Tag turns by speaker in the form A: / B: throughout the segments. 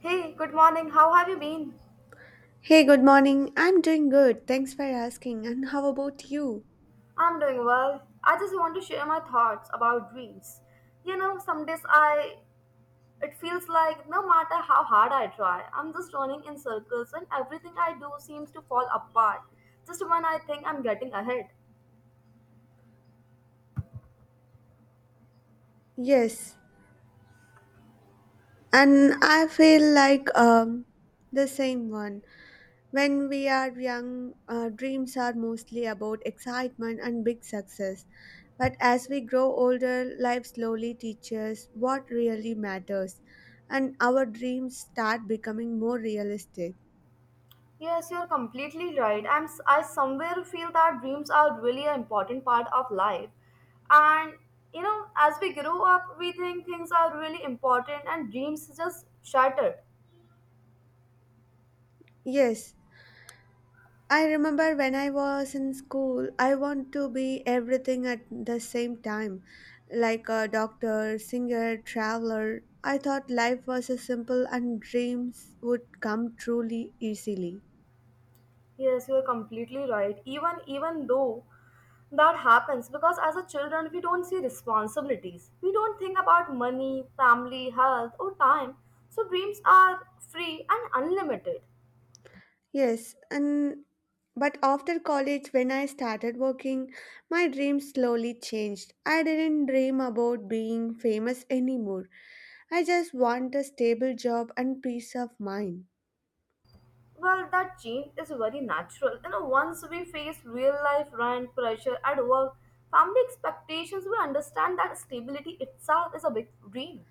A: Hey, good morning. How have you been?
B: Hey, good morning. I'm doing good. Thanks for asking. And how about you?
A: I'm doing well. I just want to share my thoughts about dreams. You know, some days I it feels like no matter how hard I try, I'm just running in circles and everything I do seems to fall apart just when I think I'm getting ahead.
B: Yes. And I feel like the same one. When we are young, dreams are mostly about excitement and big success. But as we grow older, life slowly teaches what really matters, and our dreams start becoming more realistic.
A: Yes, you're completely right. I somewhere feel that dreams are really an important part of life. And you know, as we grow up, we think things are really important and dreams just shattered.
B: Yes, I remember when I was in school, I want to be everything at the same time, like a doctor, singer, traveler. I thought life was a simple and dreams would come truly easily.
A: Yes, you are completely right. Even though that happens because as a children we don't see responsibilities. We don't think about money, family, health or time. So dreams are free and unlimited.
B: Yes, and but after college when I started working, my dreams slowly changed. I didn't dream about being famous anymore. I just want a stable job and peace of mind.
A: Well, that change is very natural. You know, once we face real life rent pressure at work, family expectations, we understand that stability itself is a big dream.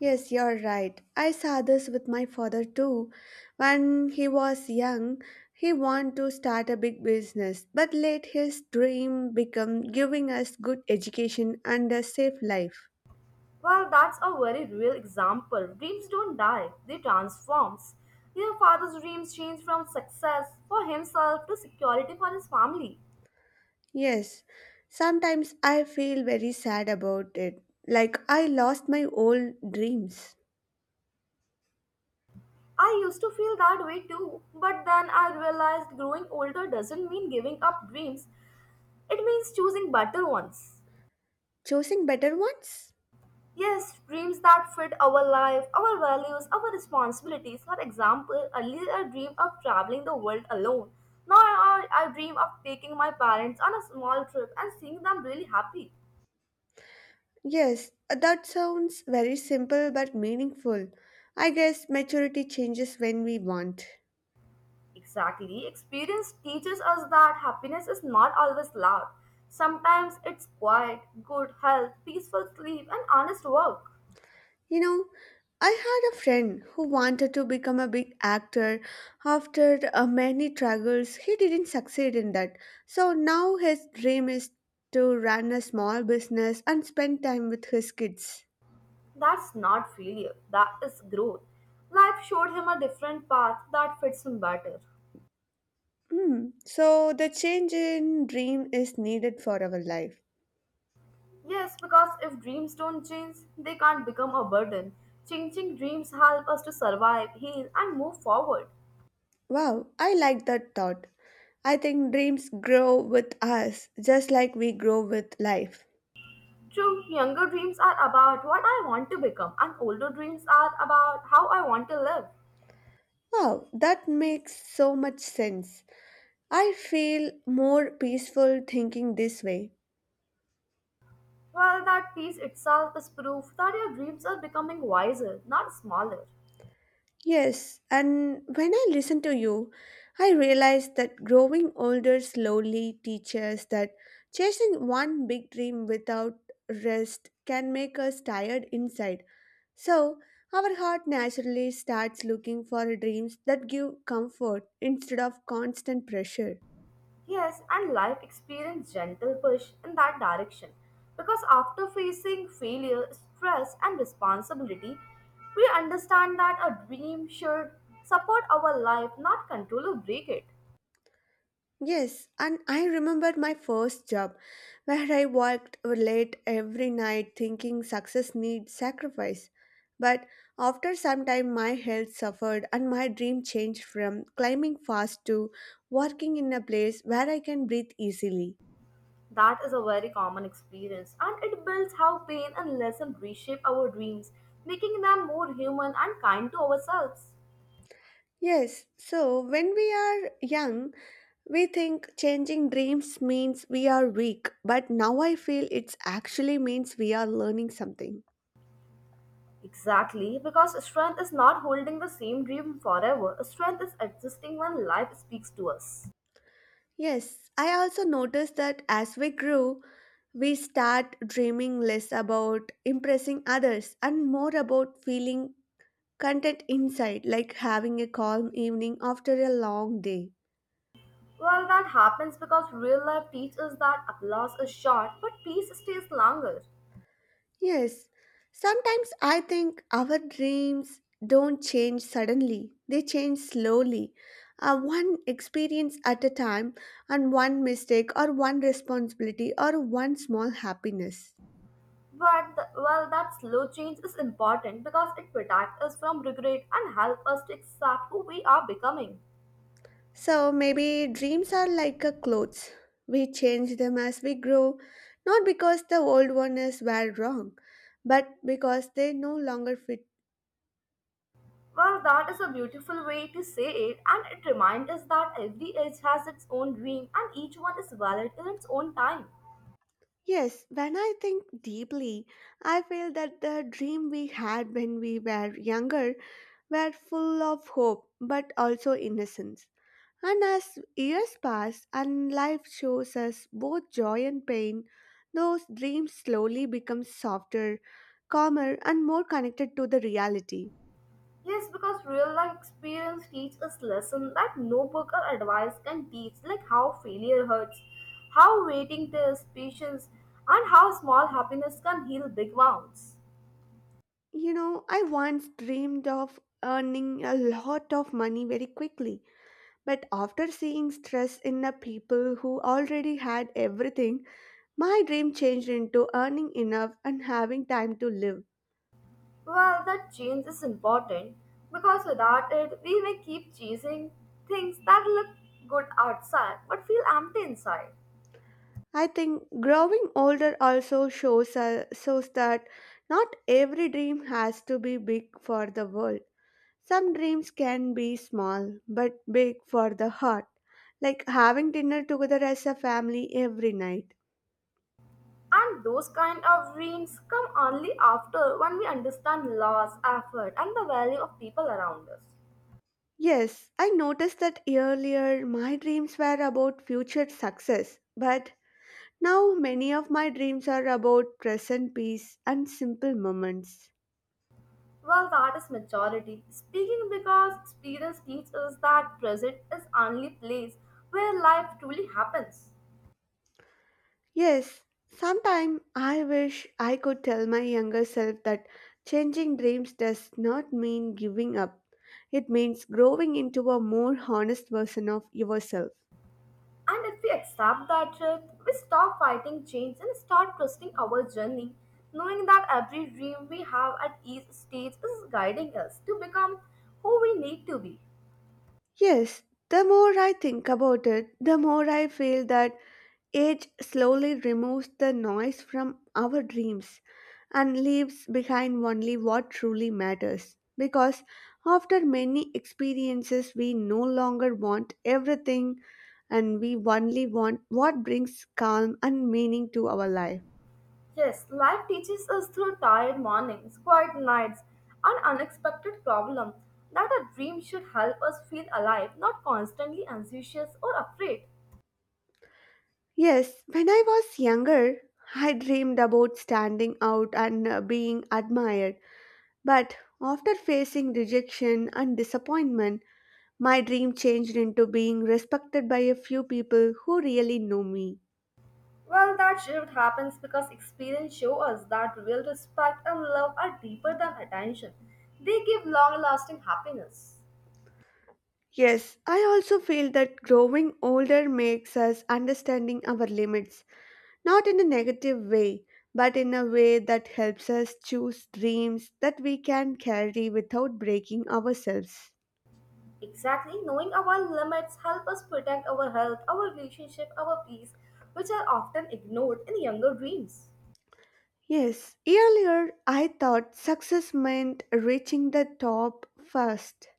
B: Yes, you're right. I saw this with my father too. When he was young, he wanted to start a big business, but let his dream become giving us good education and a safe life.
A: Well, that's a very real example. Dreams don't die, they transform. Your father's dreams changed from success for himself to security for his family.
B: Yes, sometimes I feel very sad about it, like I lost my old dreams.
A: I used to feel that way too, but then I realized growing older doesn't mean giving up dreams, it means choosing better ones.
B: Choosing better ones?
A: Yes, dreams that fit our life, our values, our responsibilities. For example, earlier I dreamed of traveling the world alone. Now I dream of taking my parents on a small trip and seeing them really happy.
B: Yes, that sounds very simple but meaningful. I guess maturity changes when we want.
A: Exactly, experience teaches us that happiness is not always loud. Sometimes it's quiet, good health, peaceful sleep, and honest work.
B: You know, I had a friend who wanted to become a big actor. After many struggles, he didn't succeed in that. So now his dream is to run a small business and spend time with his kids.
A: That's not failure, that is growth. Life showed him a different path that fits him better.
B: Hmm. So the change in dream is needed for our life.
A: Yes, because if dreams don't change, they can't become a burden. Changing dreams help us to survive, heal, and move forward.
B: Wow, I like that thought. I think dreams grow with us just like we grow with life.
A: True, younger dreams are about what I want to become, and older dreams are about how I want to live.
B: Wow, that makes so much sense. I feel more peaceful thinking this way.
A: Well, that piece itself is proof that your dreams are becoming wiser, not smaller.
B: Yes, and when I listen to you, I realize that growing older slowly teaches that chasing one big dream without rest can make us tired inside. So, our heart naturally starts looking for dreams that give comfort instead of constant pressure.
A: Yes, and life experience gentle push in that direction because after facing failure, stress, and responsibility, we understand that a dream should support our life, not control or break it.
B: Yes, and I remember my first job where I worked late every night thinking success needs sacrifice. But after some time, my health suffered and my dream changed from climbing fast to working in a place where I can breathe easily.
A: That is a very common experience, and it builds how pain and lesson reshape our dreams, making them more human and kind to ourselves.
B: Yes, so when we are young, we think changing dreams means we are weak, but now I feel it actually means we are learning something.
A: Exactly, because strength is not holding the same dream forever, strength is existing when life speaks to us.
B: Yes, I also noticed that as we grew, we start dreaming less about impressing others and more about feeling content inside, like having a calm evening after a long day.
A: Well, that happens because real life teaches that applause is short, but peace stays longer.
B: Yes, sometimes I think our dreams don't change suddenly, they change slowly, one experience at a time, and one mistake, or one responsibility, or one small happiness.
A: Well, that slow change is important because it protects us from regret and helps us to accept who we are becoming.
B: So maybe dreams are like a clothes. We change them as we grow, not because the old ones were wrong, but because they no longer fit.
A: Well, that is a beautiful way to say it, and it reminds us that every age has its own dream, and each one is valid in its own time.
B: Yes, when I think deeply, I feel that the dream we had when we were younger were full of hope but also innocence. And as years pass and life shows us both joy and pain, those dreams slowly become softer, calmer, and more connected to the reality.
A: Yes, because real life experience teaches us lessons that no book or advice can teach, like how failure hurts, how waiting tests patience, and how small happiness can heal big wounds.
B: You know, I once dreamed of earning a lot of money very quickly, but after seeing stress in the people who already had everything, my dream changed into earning enough and having time to live.
A: Well, that change is important because without it, we may keep chasing things that look good outside but feel empty inside.
B: I think growing older also shows, shows that not every dream has to be big for the world. Some dreams can be small but big for the heart, like having dinner together as a family every night.
A: And those kind of dreams come only after when we understand loss, effort, and the value of people around us.
B: Yes, I noticed that earlier my dreams were about future success, but now many of my dreams are about present peace and simple moments.
A: Well, that is maturity. Speaking because experience teaches us that present is only place where life truly happens.
B: Yes, sometime I wish I could tell my younger self that changing dreams does not mean giving up. It means growing into a more honest version of yourself.
A: And if we accept that truth, we stop fighting change and start trusting our journey, knowing that every dream we have at each stage is guiding us to become who we need to be.
B: Yes, the more I think about it, the more I feel that age slowly removes the noise from our dreams and leaves behind only what truly matters. Because after many experiences, we no longer want everything and we only want what brings calm and meaning to our life.
A: Yes, life teaches us through tired mornings, quiet nights, and unexpected problems that a dream should help us feel alive, not constantly anxious or afraid.
B: Yes, when I was younger, I dreamed about standing out and being admired. But after facing rejection and disappointment, my dream changed into being respected by a few people who really know me.
A: Well, that shift happens because experience shows us that real respect and love are deeper than attention. They give long-lasting happiness.
B: Yes, I also feel that growing older makes us understanding our limits, not in a negative way, but in a way that helps us choose dreams that we can carry without breaking ourselves.
A: Exactly, knowing our limits help us protect our health, our relationship, our peace, which are often ignored in younger dreams.
B: Yes, earlier I thought success meant reaching the top first,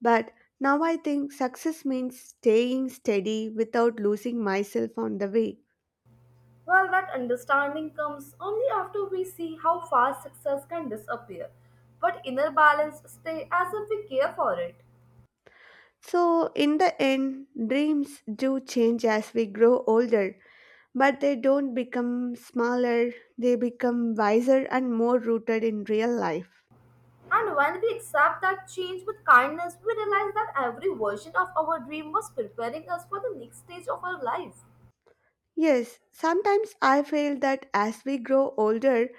B: but now I think success means staying steady without losing myself on the way.
A: Well, that understanding comes only after we see how fast success can disappear, but inner balance stay as if we care for it.
B: So, in the end, dreams do change as we grow older, but they don't become smaller, they become wiser and more rooted in real life.
A: And when we accept that change with kindness, we realize that every version of our dream was preparing us for the next stage of our life.
B: Yes, sometimes I feel that as we grow older,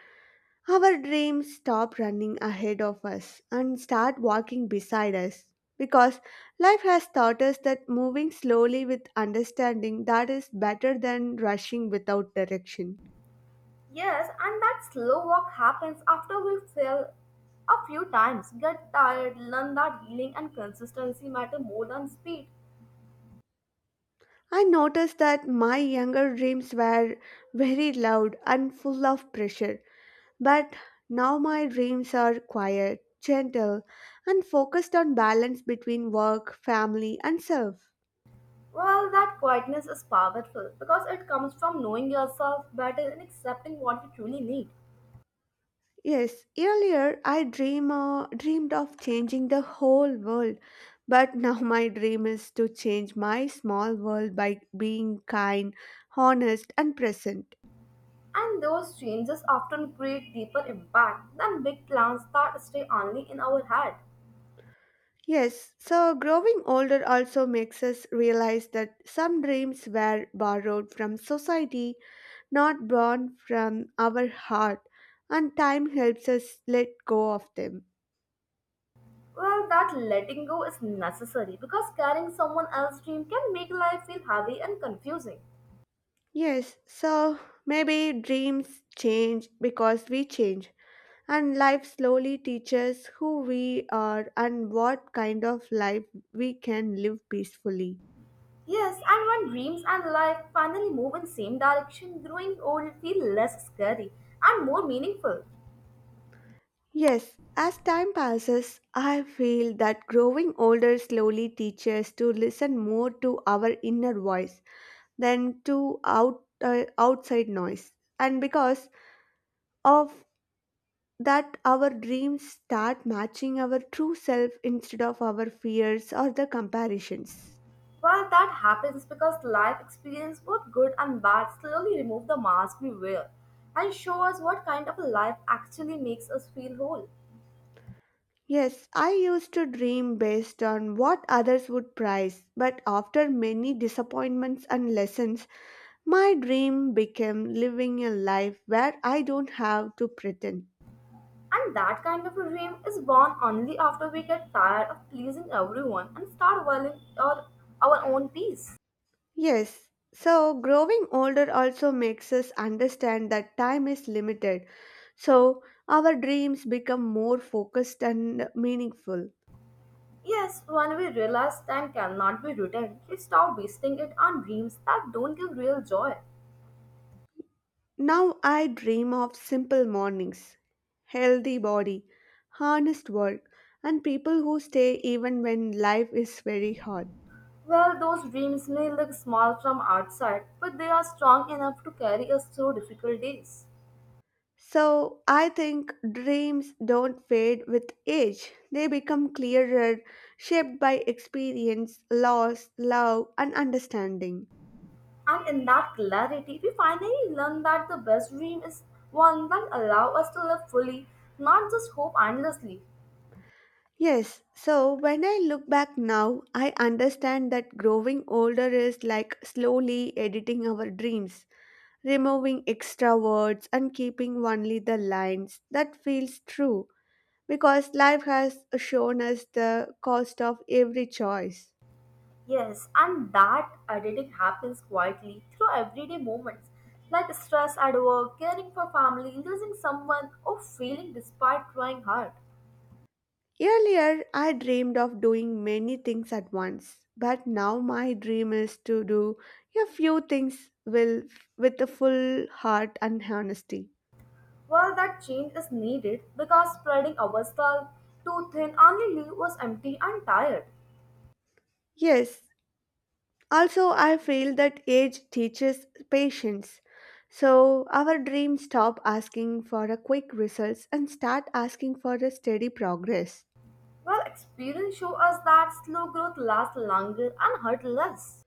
B: our dreams stop running ahead of us and start walking beside us. Because life has taught us that moving slowly with understanding that is better than rushing without direction.
A: Yes, and that slow walk happens after we fail a few times, get tired, learn that healing and consistency matter more than speed.
B: I noticed that my younger dreams were very loud and full of pressure, but now my dreams are quiet, gentle, and focused on balance between work, family, and self.
A: Well, that quietness is powerful because it comes from knowing yourself better and accepting what you truly need.
B: Yes, earlier I dreamed of changing the whole world, but now my dream is to change my small world by being kind, honest, and present.
A: And those changes often create deeper impact than big plans that stay only in our head.
B: Yes, so growing older also makes us realize that some dreams were borrowed from society, not born from our heart, and time helps us let go of them.
A: Well, that letting go is necessary because carrying someone else's dream can make life feel heavy and confusing.
B: Yes, so maybe dreams change because we change, and life slowly teaches who we are and what kind of life we can live peacefully.
A: Yes, and when dreams and life finally move in same direction, growing old feel less scary and more meaningful.
B: Yes, as time passes, I feel that growing older slowly teaches to listen more to our inner voice than to outside noise. And because of that, our dreams start matching our true self instead of our fears or the comparisons.
A: Well, that happens because life experience, both good and bad, slowly remove the mask we wear and show us what kind of a life actually makes us feel whole.
B: Yes, I used to dream based on what others would prize, but after many disappointments and lessons, my dream became living a life where I don't have to pretend.
A: And that kind of a dream is born only after we get tired of pleasing everyone and start valuing our own peace.
B: Yes, so growing older also makes us understand that time is limited, so our dreams become more focused and meaningful.
A: Yes, when we realize time cannot be returned, we stop wasting it on dreams that don't give real joy.
B: Now I dream of simple mornings, healthy body, honest work, and people who stay even when life is very hard.
A: Well, those dreams may look small from outside, but they are strong enough to carry us through difficult days.
B: So I think dreams don't fade with age. They become clearer, shaped by experience, loss, love, and understanding.
A: And in that clarity, we finally learn that the best dream is one that allows us to live fully, not just hope endlessly.
B: Yes, so when I look back now, I understand that growing older is like slowly editing our dreams, removing extra words and keeping only the lines that feels true because life has shown us the cost of every choice.
A: Yes, and that editing happens quietly through everyday moments like stress at work, caring for family, losing someone, or failing despite trying hard.
B: Earlier I dreamed of doing many things at once but now my dream is to do a few things will with a full heart and honesty.
A: While that change is needed because spreading ourselves too thin only leaves us empty and tired.
B: Yes. Also, I feel that age teaches patience. So, our dreams stop asking for a quick results and start asking for a steady progress.
A: Well, experience shows us that slow growth lasts longer and hurt less.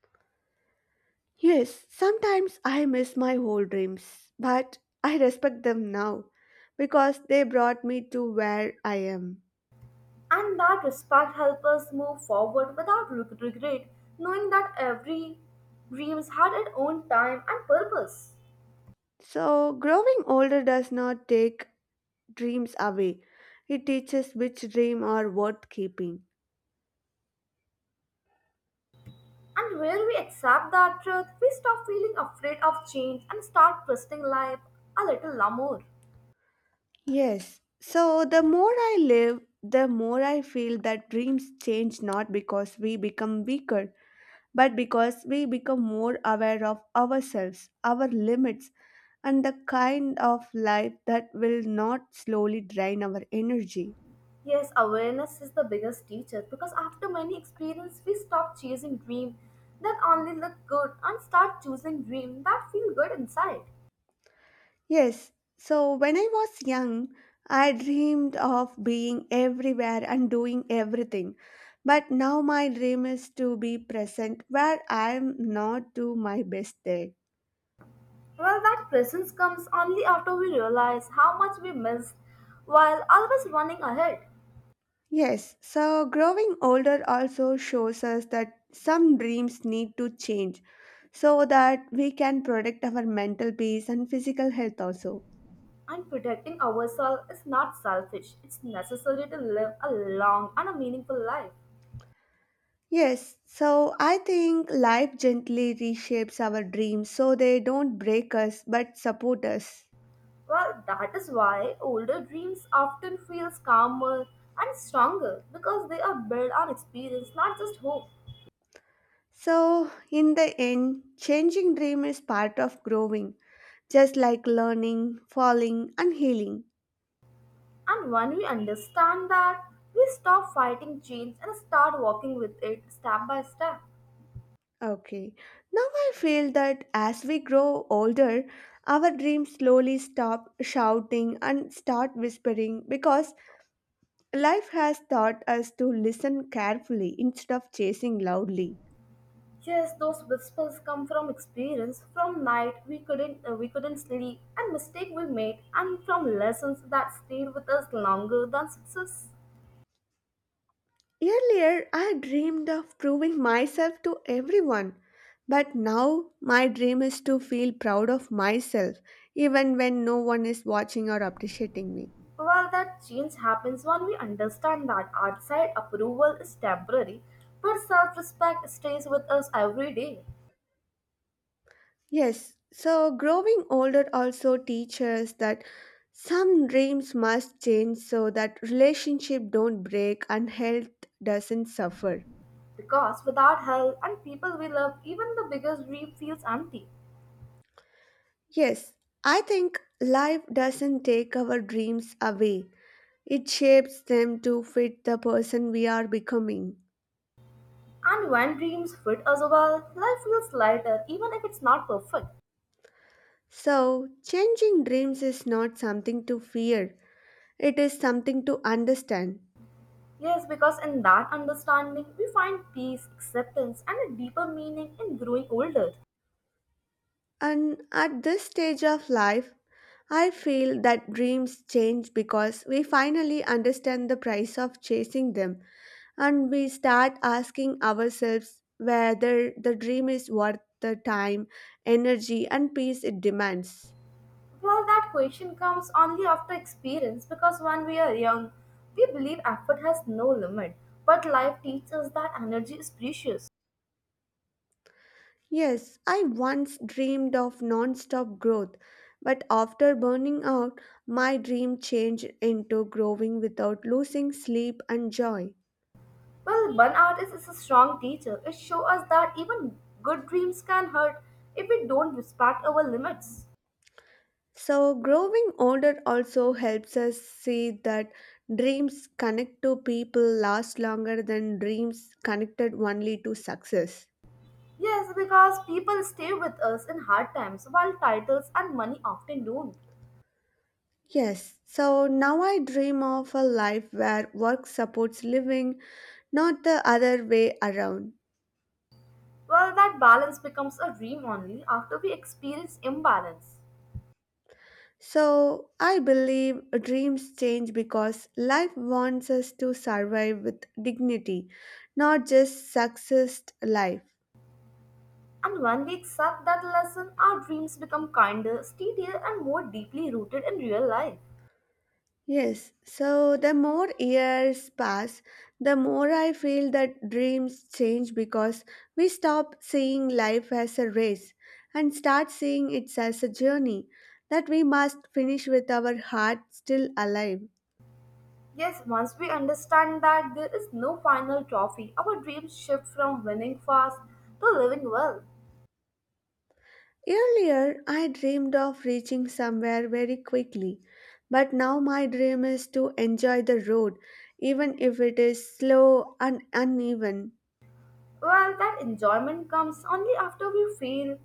B: Yes, sometimes I miss my old dreams, but I respect them now because they brought me to where I am.
A: And that respect helps us move forward without regret, knowing that every dreams had its own time and purpose.
B: So, growing older does not take dreams away, it teaches which dream are worth keeping.
A: And when we accept that truth, we stop feeling afraid of change and start trusting life a little more.
B: Yes. So the more I live, the more I feel that dreams change not because we become weaker, but because we become more aware of ourselves, our limits, and the kind of life that will not slowly drain our energy.
A: Yes, awareness is the biggest teacher because after many experiences, we stop chasing dreams that only look good and start choosing dreams that feel good inside.
B: Yes. So when I was young, I dreamed of being everywhere and doing everything. But now my dream is to be present where I am not do my best there.
A: Well, that presence comes only after we realize how much we missed while always running ahead.
B: Yes, so growing older also shows us that some dreams need to change so that we can protect our mental peace and physical health also.
A: And protecting ourselves is not selfish, it's necessary to live a long and a meaningful life.
B: Yes, so I think life gently reshapes our dreams so they don't break us but support us.
A: Well, that is why older dreams often feels calmer and stronger because they are built on experience, not just hope.
B: So, in the end, changing dream is part of growing, just like learning, falling, and healing.
A: And when we understand that, we stop fighting change and start walking with it step by step.
B: Okay. Now I feel that as we grow older, our dreams slowly stop shouting and start whispering because life has taught us to listen carefully instead of chasing loudly.
A: Yes, those whispers come from experience, from night we couldn't we couldn't sleep, and mistake we made, and from lessons that stayed with us longer than success.
B: Earlier, I dreamed of proving myself to everyone, but now my dream is to feel proud of myself even when no one is watching or appreciating me.
A: Well, that change happens when we understand that outside approval is temporary, but self respect stays with us every day.
B: Yes, so growing older also teaches that some dreams must change so that relationship don't break and health doesn't suffer.
A: Because without help and people we love, even the biggest dream feels empty.
B: Yes, I think life doesn't take our dreams away. It shapes them to fit the person we are becoming.
A: And when dreams fit us well, life feels lighter, even if it's not perfect.
B: So, changing dreams is not something to fear. It is something to understand.
A: Yes, because in that understanding, we find peace, acceptance, and a deeper meaning in growing older.
B: And at this stage of life, I feel that dreams change because we finally understand the price of chasing them and we start asking ourselves whether the dream is worth the time, energy, and peace it demands.
A: Well, that question comes only after experience because when we are young, we believe effort has no limit. But life teaches us that energy is precious.
B: Yes, I once dreamed of non stop growth, but after burning out, my dream changed into growing without losing sleep and joy.
A: Well, burnout is a strong teacher. It shows us that even good dreams can hurt if we don't respect our limits.
B: So, growing older also helps us see that dreams connect to people last longer than dreams connected only to success.
A: Yes, because people stay with us in hard times while titles and money often don't.
B: Yes, so now I dream of a life where work supports living, not the other way around.
A: Well, that balance becomes a dream only after we experience imbalance.
B: So, I believe dreams change because life wants us to survive with dignity, not just success life.
A: And when we accept that lesson, our dreams become kinder, steadier, and more deeply rooted in real life.
B: Yes, so the more years pass, the more I feel that dreams change because we stop seeing life as a race and start seeing it as a journey that we must finish with our heart still alive.
A: Yes, once we understand that there is no final trophy, our dreams shift from winning fast to living well.
B: Earlier, I dreamed of reaching somewhere very quickly, but now my dream is to enjoy the road, even if it is slow and uneven.
A: Well, that enjoyment comes only after we fail,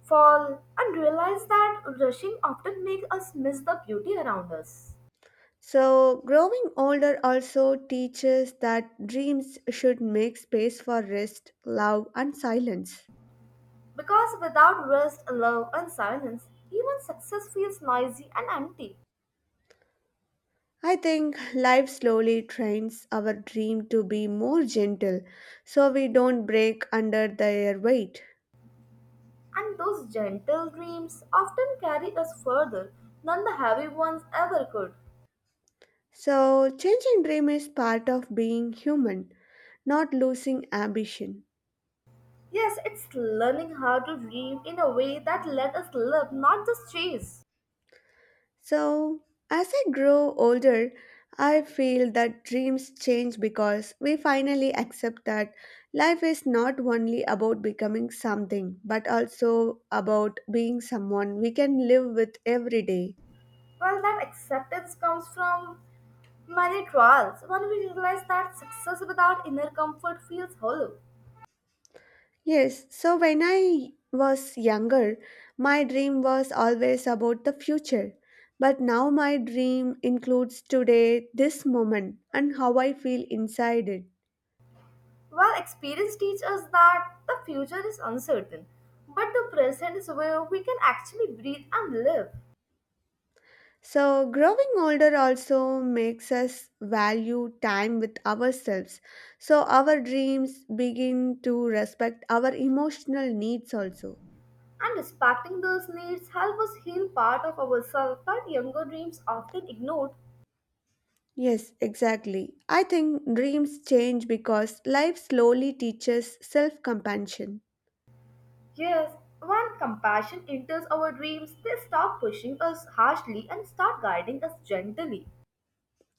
A: fall, and realize that rushing often makes us miss the beauty around us.
B: So, growing older also teaches that dreams should make space for rest, love, and silence.
A: Because without rest, love, and silence, even success feels noisy and empty.
B: I think life slowly trains our dream to be more gentle so we don't break under their weight.
A: And those gentle dreams often carry us further than the heavy ones ever could.
B: So, changing dream is part of being human, not losing ambition.
A: Yes, it's learning how to dream in a way that let us live, not just chase.
B: So, as I grow older, I feel that dreams change because we finally accept that life is not only about becoming something, but also about being someone we can live with every day.
A: Well, that acceptance comes from many trials when we realize that success without inner comfort feels hollow.
B: Yes, so when I was younger, my dream was always about the future. But now my dream includes today, this moment, and how I feel inside it.
A: While experience teaches us that the future is uncertain, but the present is where we can actually breathe and live.
B: So, growing older also makes us value time with ourselves. So, our dreams begin to respect our emotional needs also.
A: And respecting those needs help us heal part of ourselves that younger dreams often ignored.
B: Yes, exactly. I think dreams change because life slowly teaches self compassion.
A: Yes, when compassion enters our dreams, they stop pushing us harshly and start guiding us gently.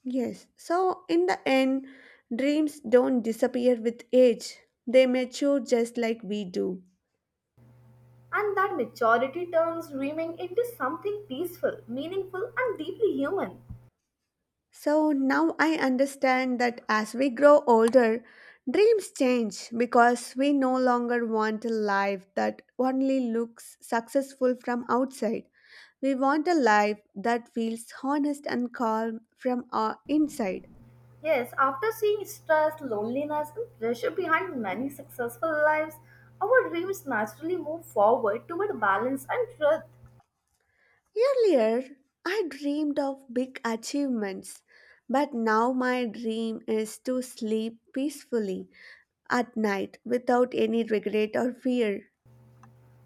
B: Yes, so in the end, dreams don't disappear with age, they mature just like we do.
A: And that maturity turns dreaming into something peaceful, meaningful, and deeply human.
B: So now I understand that as we grow older, dreams change because we no longer want a life that only looks successful from outside. We want a life that feels honest and calm from our inside.
A: Yes, after seeing stress, loneliness, and pressure behind many successful lives, our dreams naturally move forward toward balance and truth.
B: Earlier, I dreamed of big achievements, but now my dream is to sleep peacefully at night without any regret or fear.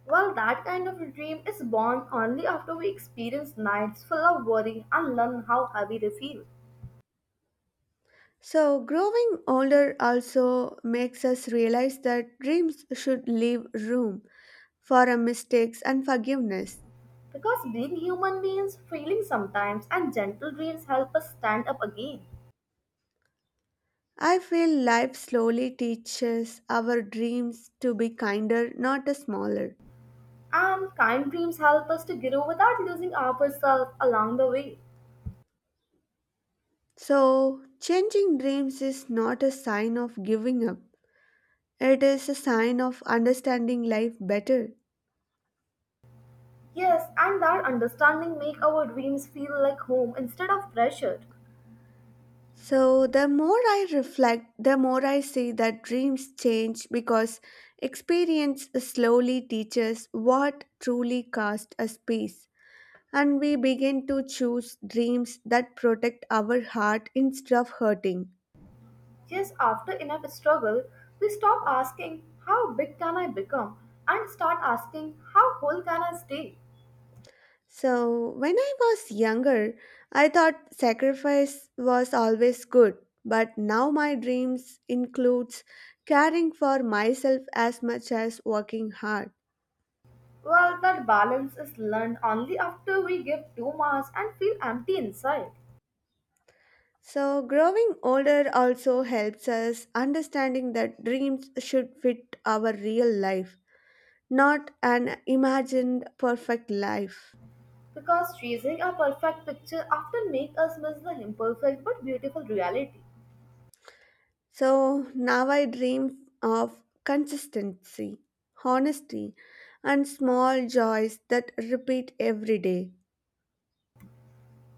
A: Well, that kind of a dream is born only after we experience nights full of worry and learn how heavy they feel.
B: So, growing older also makes us realize that dreams should leave room for our mistakes and forgiveness.
A: Because being human means feeling sometimes, and gentle dreams help us stand up again.
B: I feel life slowly teaches our dreams to be kinder, not a smaller.
A: And kind dreams help us to grow without losing ourselves along the way.
B: So, changing dreams is not a sign of giving up, it is a sign of understanding life better.
A: Yes, and that understanding make our dreams feel like home instead of pressure.
B: So, the more I reflect, the more I see that dreams change because experience slowly teaches what truly casts a space. And we begin to choose dreams that protect our heart instead of hurting.
A: Yes, after enough struggle, we stop asking, how big can I become? And start asking, how whole can I stay?
B: So, when I was younger, I thought sacrifice was always good, but now my dreams includes caring for myself as much as working hard.
A: Well, that balance is learned only after we give too much and feel empty inside.
B: So, growing older also helps us understanding that dreams should fit our real life, not an imagined perfect life.
A: Because chasing a perfect picture often makes us miss the imperfect but beautiful reality.
B: So, now I dream of consistency, honesty, and small joys that repeat every day.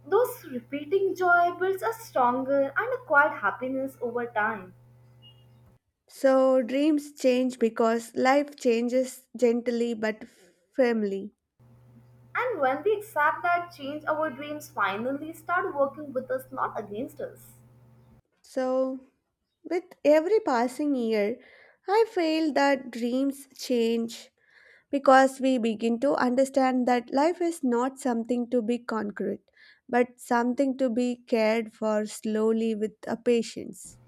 A: Those repeating joy builds a stronger and a quiet happiness over time.
B: So, dreams change because life changes gently but firmly.
A: And when we accept that change, our dreams finally start working with us, not against us.
B: So, with every passing year, I feel that dreams change because we begin to understand that life is not something to be conquered, but something to be cared for slowly with a patience.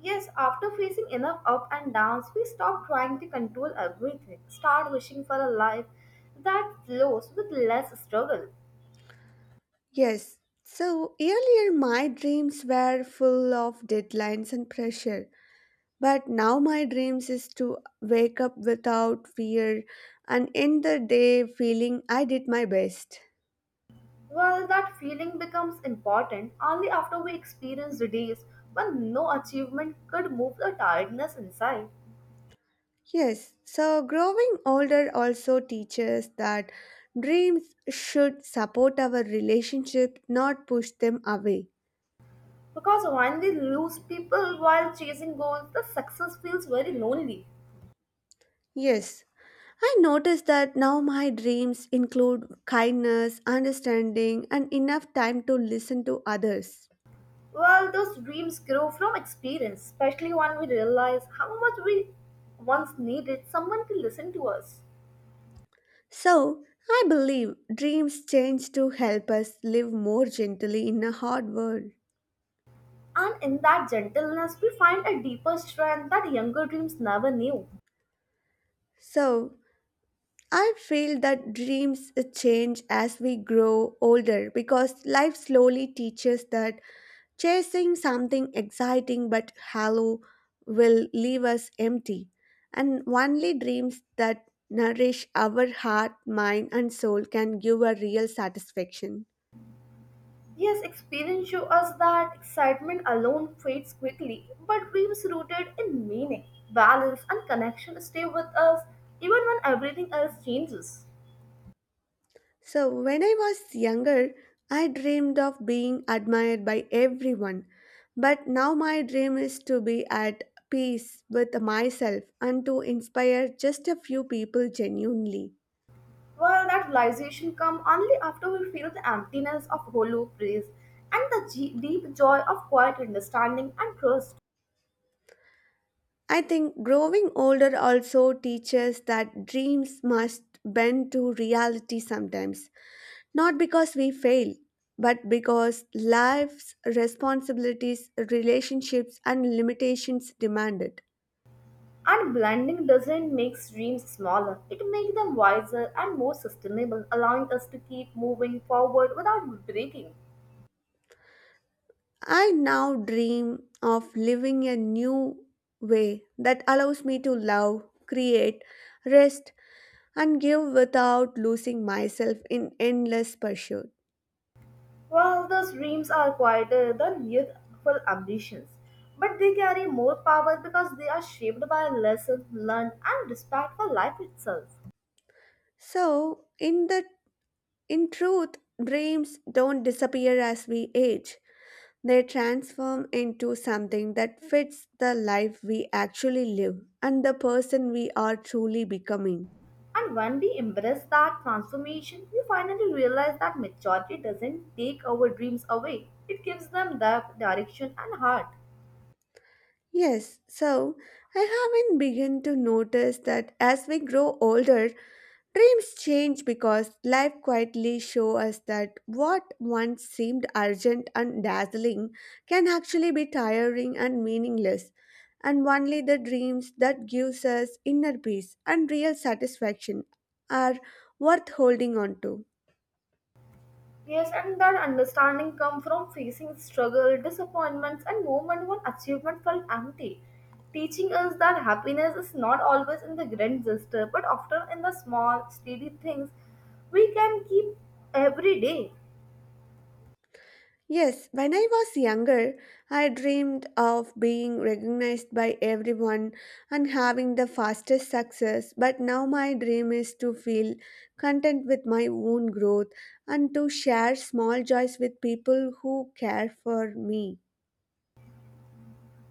A: Yes, after facing enough up and downs, we stop trying to control everything, start wishing for a life that flows with less struggle.
B: Yes, so earlier my dreams were full of deadlines and pressure, but now my dreams is to wake up without fear and end the day feeling I did my best.
A: Well, that feeling becomes important only after we experience the days when no achievement could move the tiredness inside.
B: Yes, so growing older also teaches that dreams should support our relationship, not push them away.
A: Because when we lose people while chasing goals, the success feels very lonely.
B: Yes, I notice that now my dreams include kindness, understanding, and enough time to listen to others.
A: Well, those dreams grow from experience, especially when we realize how much we once needed someone to listen to us.
B: So, I believe dreams change to help us live more gently in a hard world.
A: And in that gentleness, we find a deeper strength that younger dreams never knew.
B: So, I feel that dreams change as we grow older because life slowly teaches that chasing something exciting but hollow will leave us empty, and only dreams that nourish our heart, mind, and soul can give a real satisfaction.
A: Yes, experience shows us that excitement alone fades quickly, but dreams rooted in meaning, balance, and connection stay with us even when everything else changes.
B: So, when I was younger, I dreamed of being admired by everyone. But now my dream is to be at peace with myself and to inspire just a few people genuinely.
A: Well, that realization comes only after we feel the emptiness of hollow praise and the deep joy of quiet understanding and trust.
B: I think growing older also teaches that dreams must bend to reality sometimes, not because we fail, but because life's responsibilities, relationships, and limitations demand it.
A: And blending doesn't make dreams smaller, it makes them wiser and more sustainable, allowing us to keep moving forward without breaking.
B: I now dream of living a new way that allows me to love, create, rest, and give without losing myself in endless pursuit.
A: While those dreams are quieter than youthful ambitions, but they carry more power because they are shaped by lessons learned and respect for life itself.
B: So, in the in truth, dreams don't disappear as we age. They transform into something that fits the life we actually live and the person we are truly becoming.
A: And when we embrace that transformation, we finally realize that maturity doesn't take our dreams away, it gives them depth, direction, and heart.
B: Yes, so I haven't begun to notice that as we grow older, dreams change because life quietly show us that what once seemed urgent and dazzling can actually be tiring and meaningless, and only the dreams that gives us inner peace and real satisfaction are worth holding on to.
A: Yes, and that understanding comes from facing struggle, disappointments, and moments when achievement felt empty, teaching us that happiness is not always in the grand gesture, but often in the small, steady things we can keep every day.
B: Yes, when I was younger, I dreamed of being recognized by everyone and having the fastest success. But now my dream is to feel content with my own growth and to share small joys with people who care for me.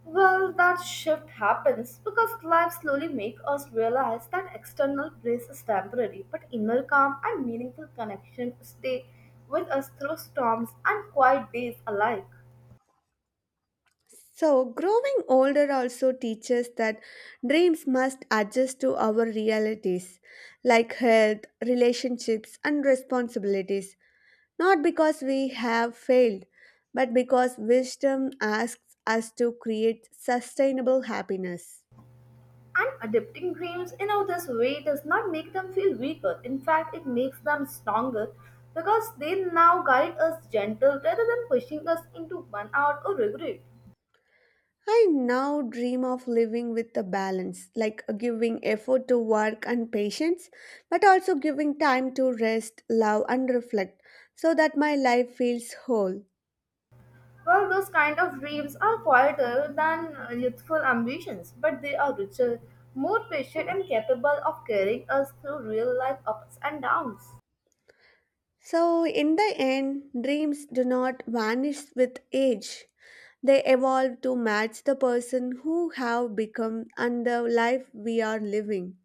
A: Well, that shift happens because life slowly makes us realize that external praise is temporary, but inner calm and meaningful connection stay with us through storms and quiet days alike.
B: So, growing older also teaches that dreams must adjust to our realities, like health, relationships, and responsibilities. Not because we have failed, but because wisdom asks us to create sustainable happiness.
A: And adapting dreams in know, this way does not make them feel weaker. In fact, it makes them stronger because they now guide us gentle rather than pushing us into burnout or regret.
B: I now dream of living with a balance, like giving effort to work and patience, but also giving time to rest, love, and reflect so that my life feels whole.
A: Well, those kind of dreams are quieter than youthful ambitions, but they are richer, more patient, and capable of carrying us through real life ups and downs.
B: So, in the end, dreams do not vanish with age. They evolve to match the person who have become and the life we are living.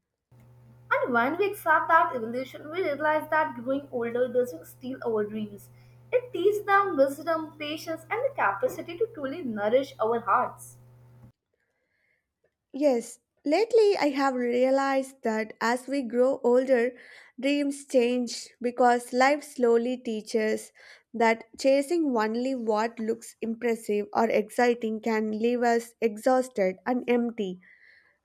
A: And when we accept that evolution, we realize that growing older doesn't steal our dreams. It teaches them wisdom, patience, and the capacity to truly nourish our hearts.
B: Yes, lately I have realized that as we grow older, dreams change because life slowly teaches that chasing only what looks impressive or exciting can leave us exhausted and empty.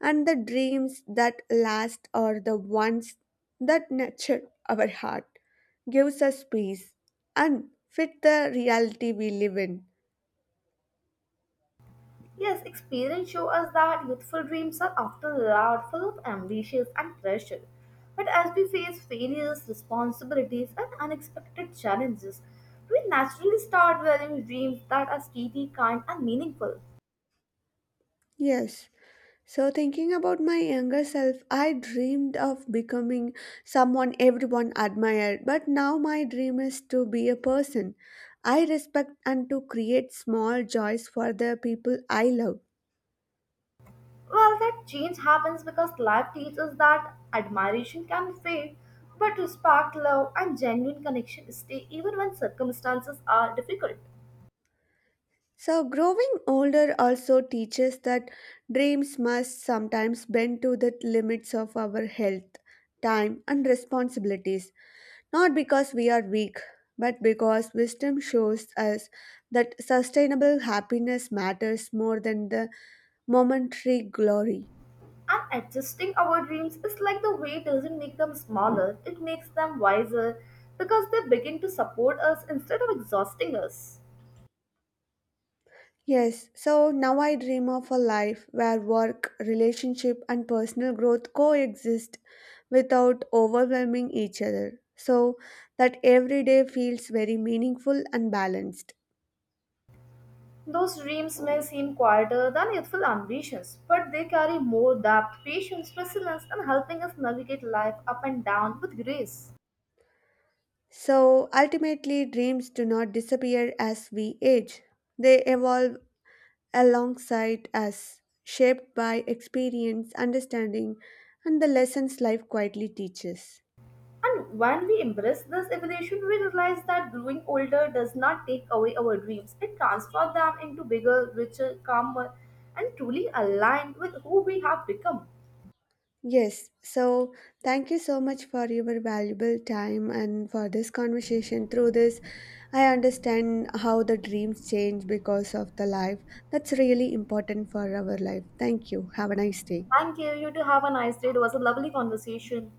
B: And the dreams that last are the ones that nurture our heart, gives us peace, and fit the reality we live in.
A: Yes, experience shows us that youthful dreams are often loud, full of ambitions and pressure. But as we face failures, responsibilities, and unexpected challenges, we naturally start valuing dreams that are steady, kind, and meaningful.
B: Yes. So, thinking about my younger self, I dreamed of becoming someone everyone admired, but now my dream is to be a person I respect and to create small joys for the people I love.
A: Well, that change happens because life teaches that admiration can fade, but respect, love, and genuine connection stay even when circumstances are difficult.
B: So, growing older also teaches that dreams must sometimes bend to the limits of our health, time, and responsibilities. Not because we are weak, but because wisdom shows us that sustainable happiness matters more than the momentary glory.
A: And adjusting our dreams is like the weight doesn't make them smaller, it makes them wiser because they begin to support us instead of exhausting us.
B: Yes, so now I dream of a life where work, relationship, and personal growth coexist without overwhelming each other, so that every day feels very meaningful and balanced.
A: Those dreams may seem quieter than youthful ambitions, but they carry more depth, patience, resilience, and helping us navigate life up and down with grace.
B: So ultimately, dreams do not disappear as we age, they evolve alongside us, shaped by experience, understanding, and the lessons life quietly teaches.
A: And when we embrace this evolution, we realize that growing older does not take away our dreams. It transforms them into bigger, richer, calmer, and truly aligned with who we have become.
B: Yes, so thank you so much for your valuable time and for this conversation. Through this, I understand how the dreams change because of the life. That's really important for our life. Thank you. Have a nice day.
A: Thank you. You too have a nice day. It was a lovely conversation.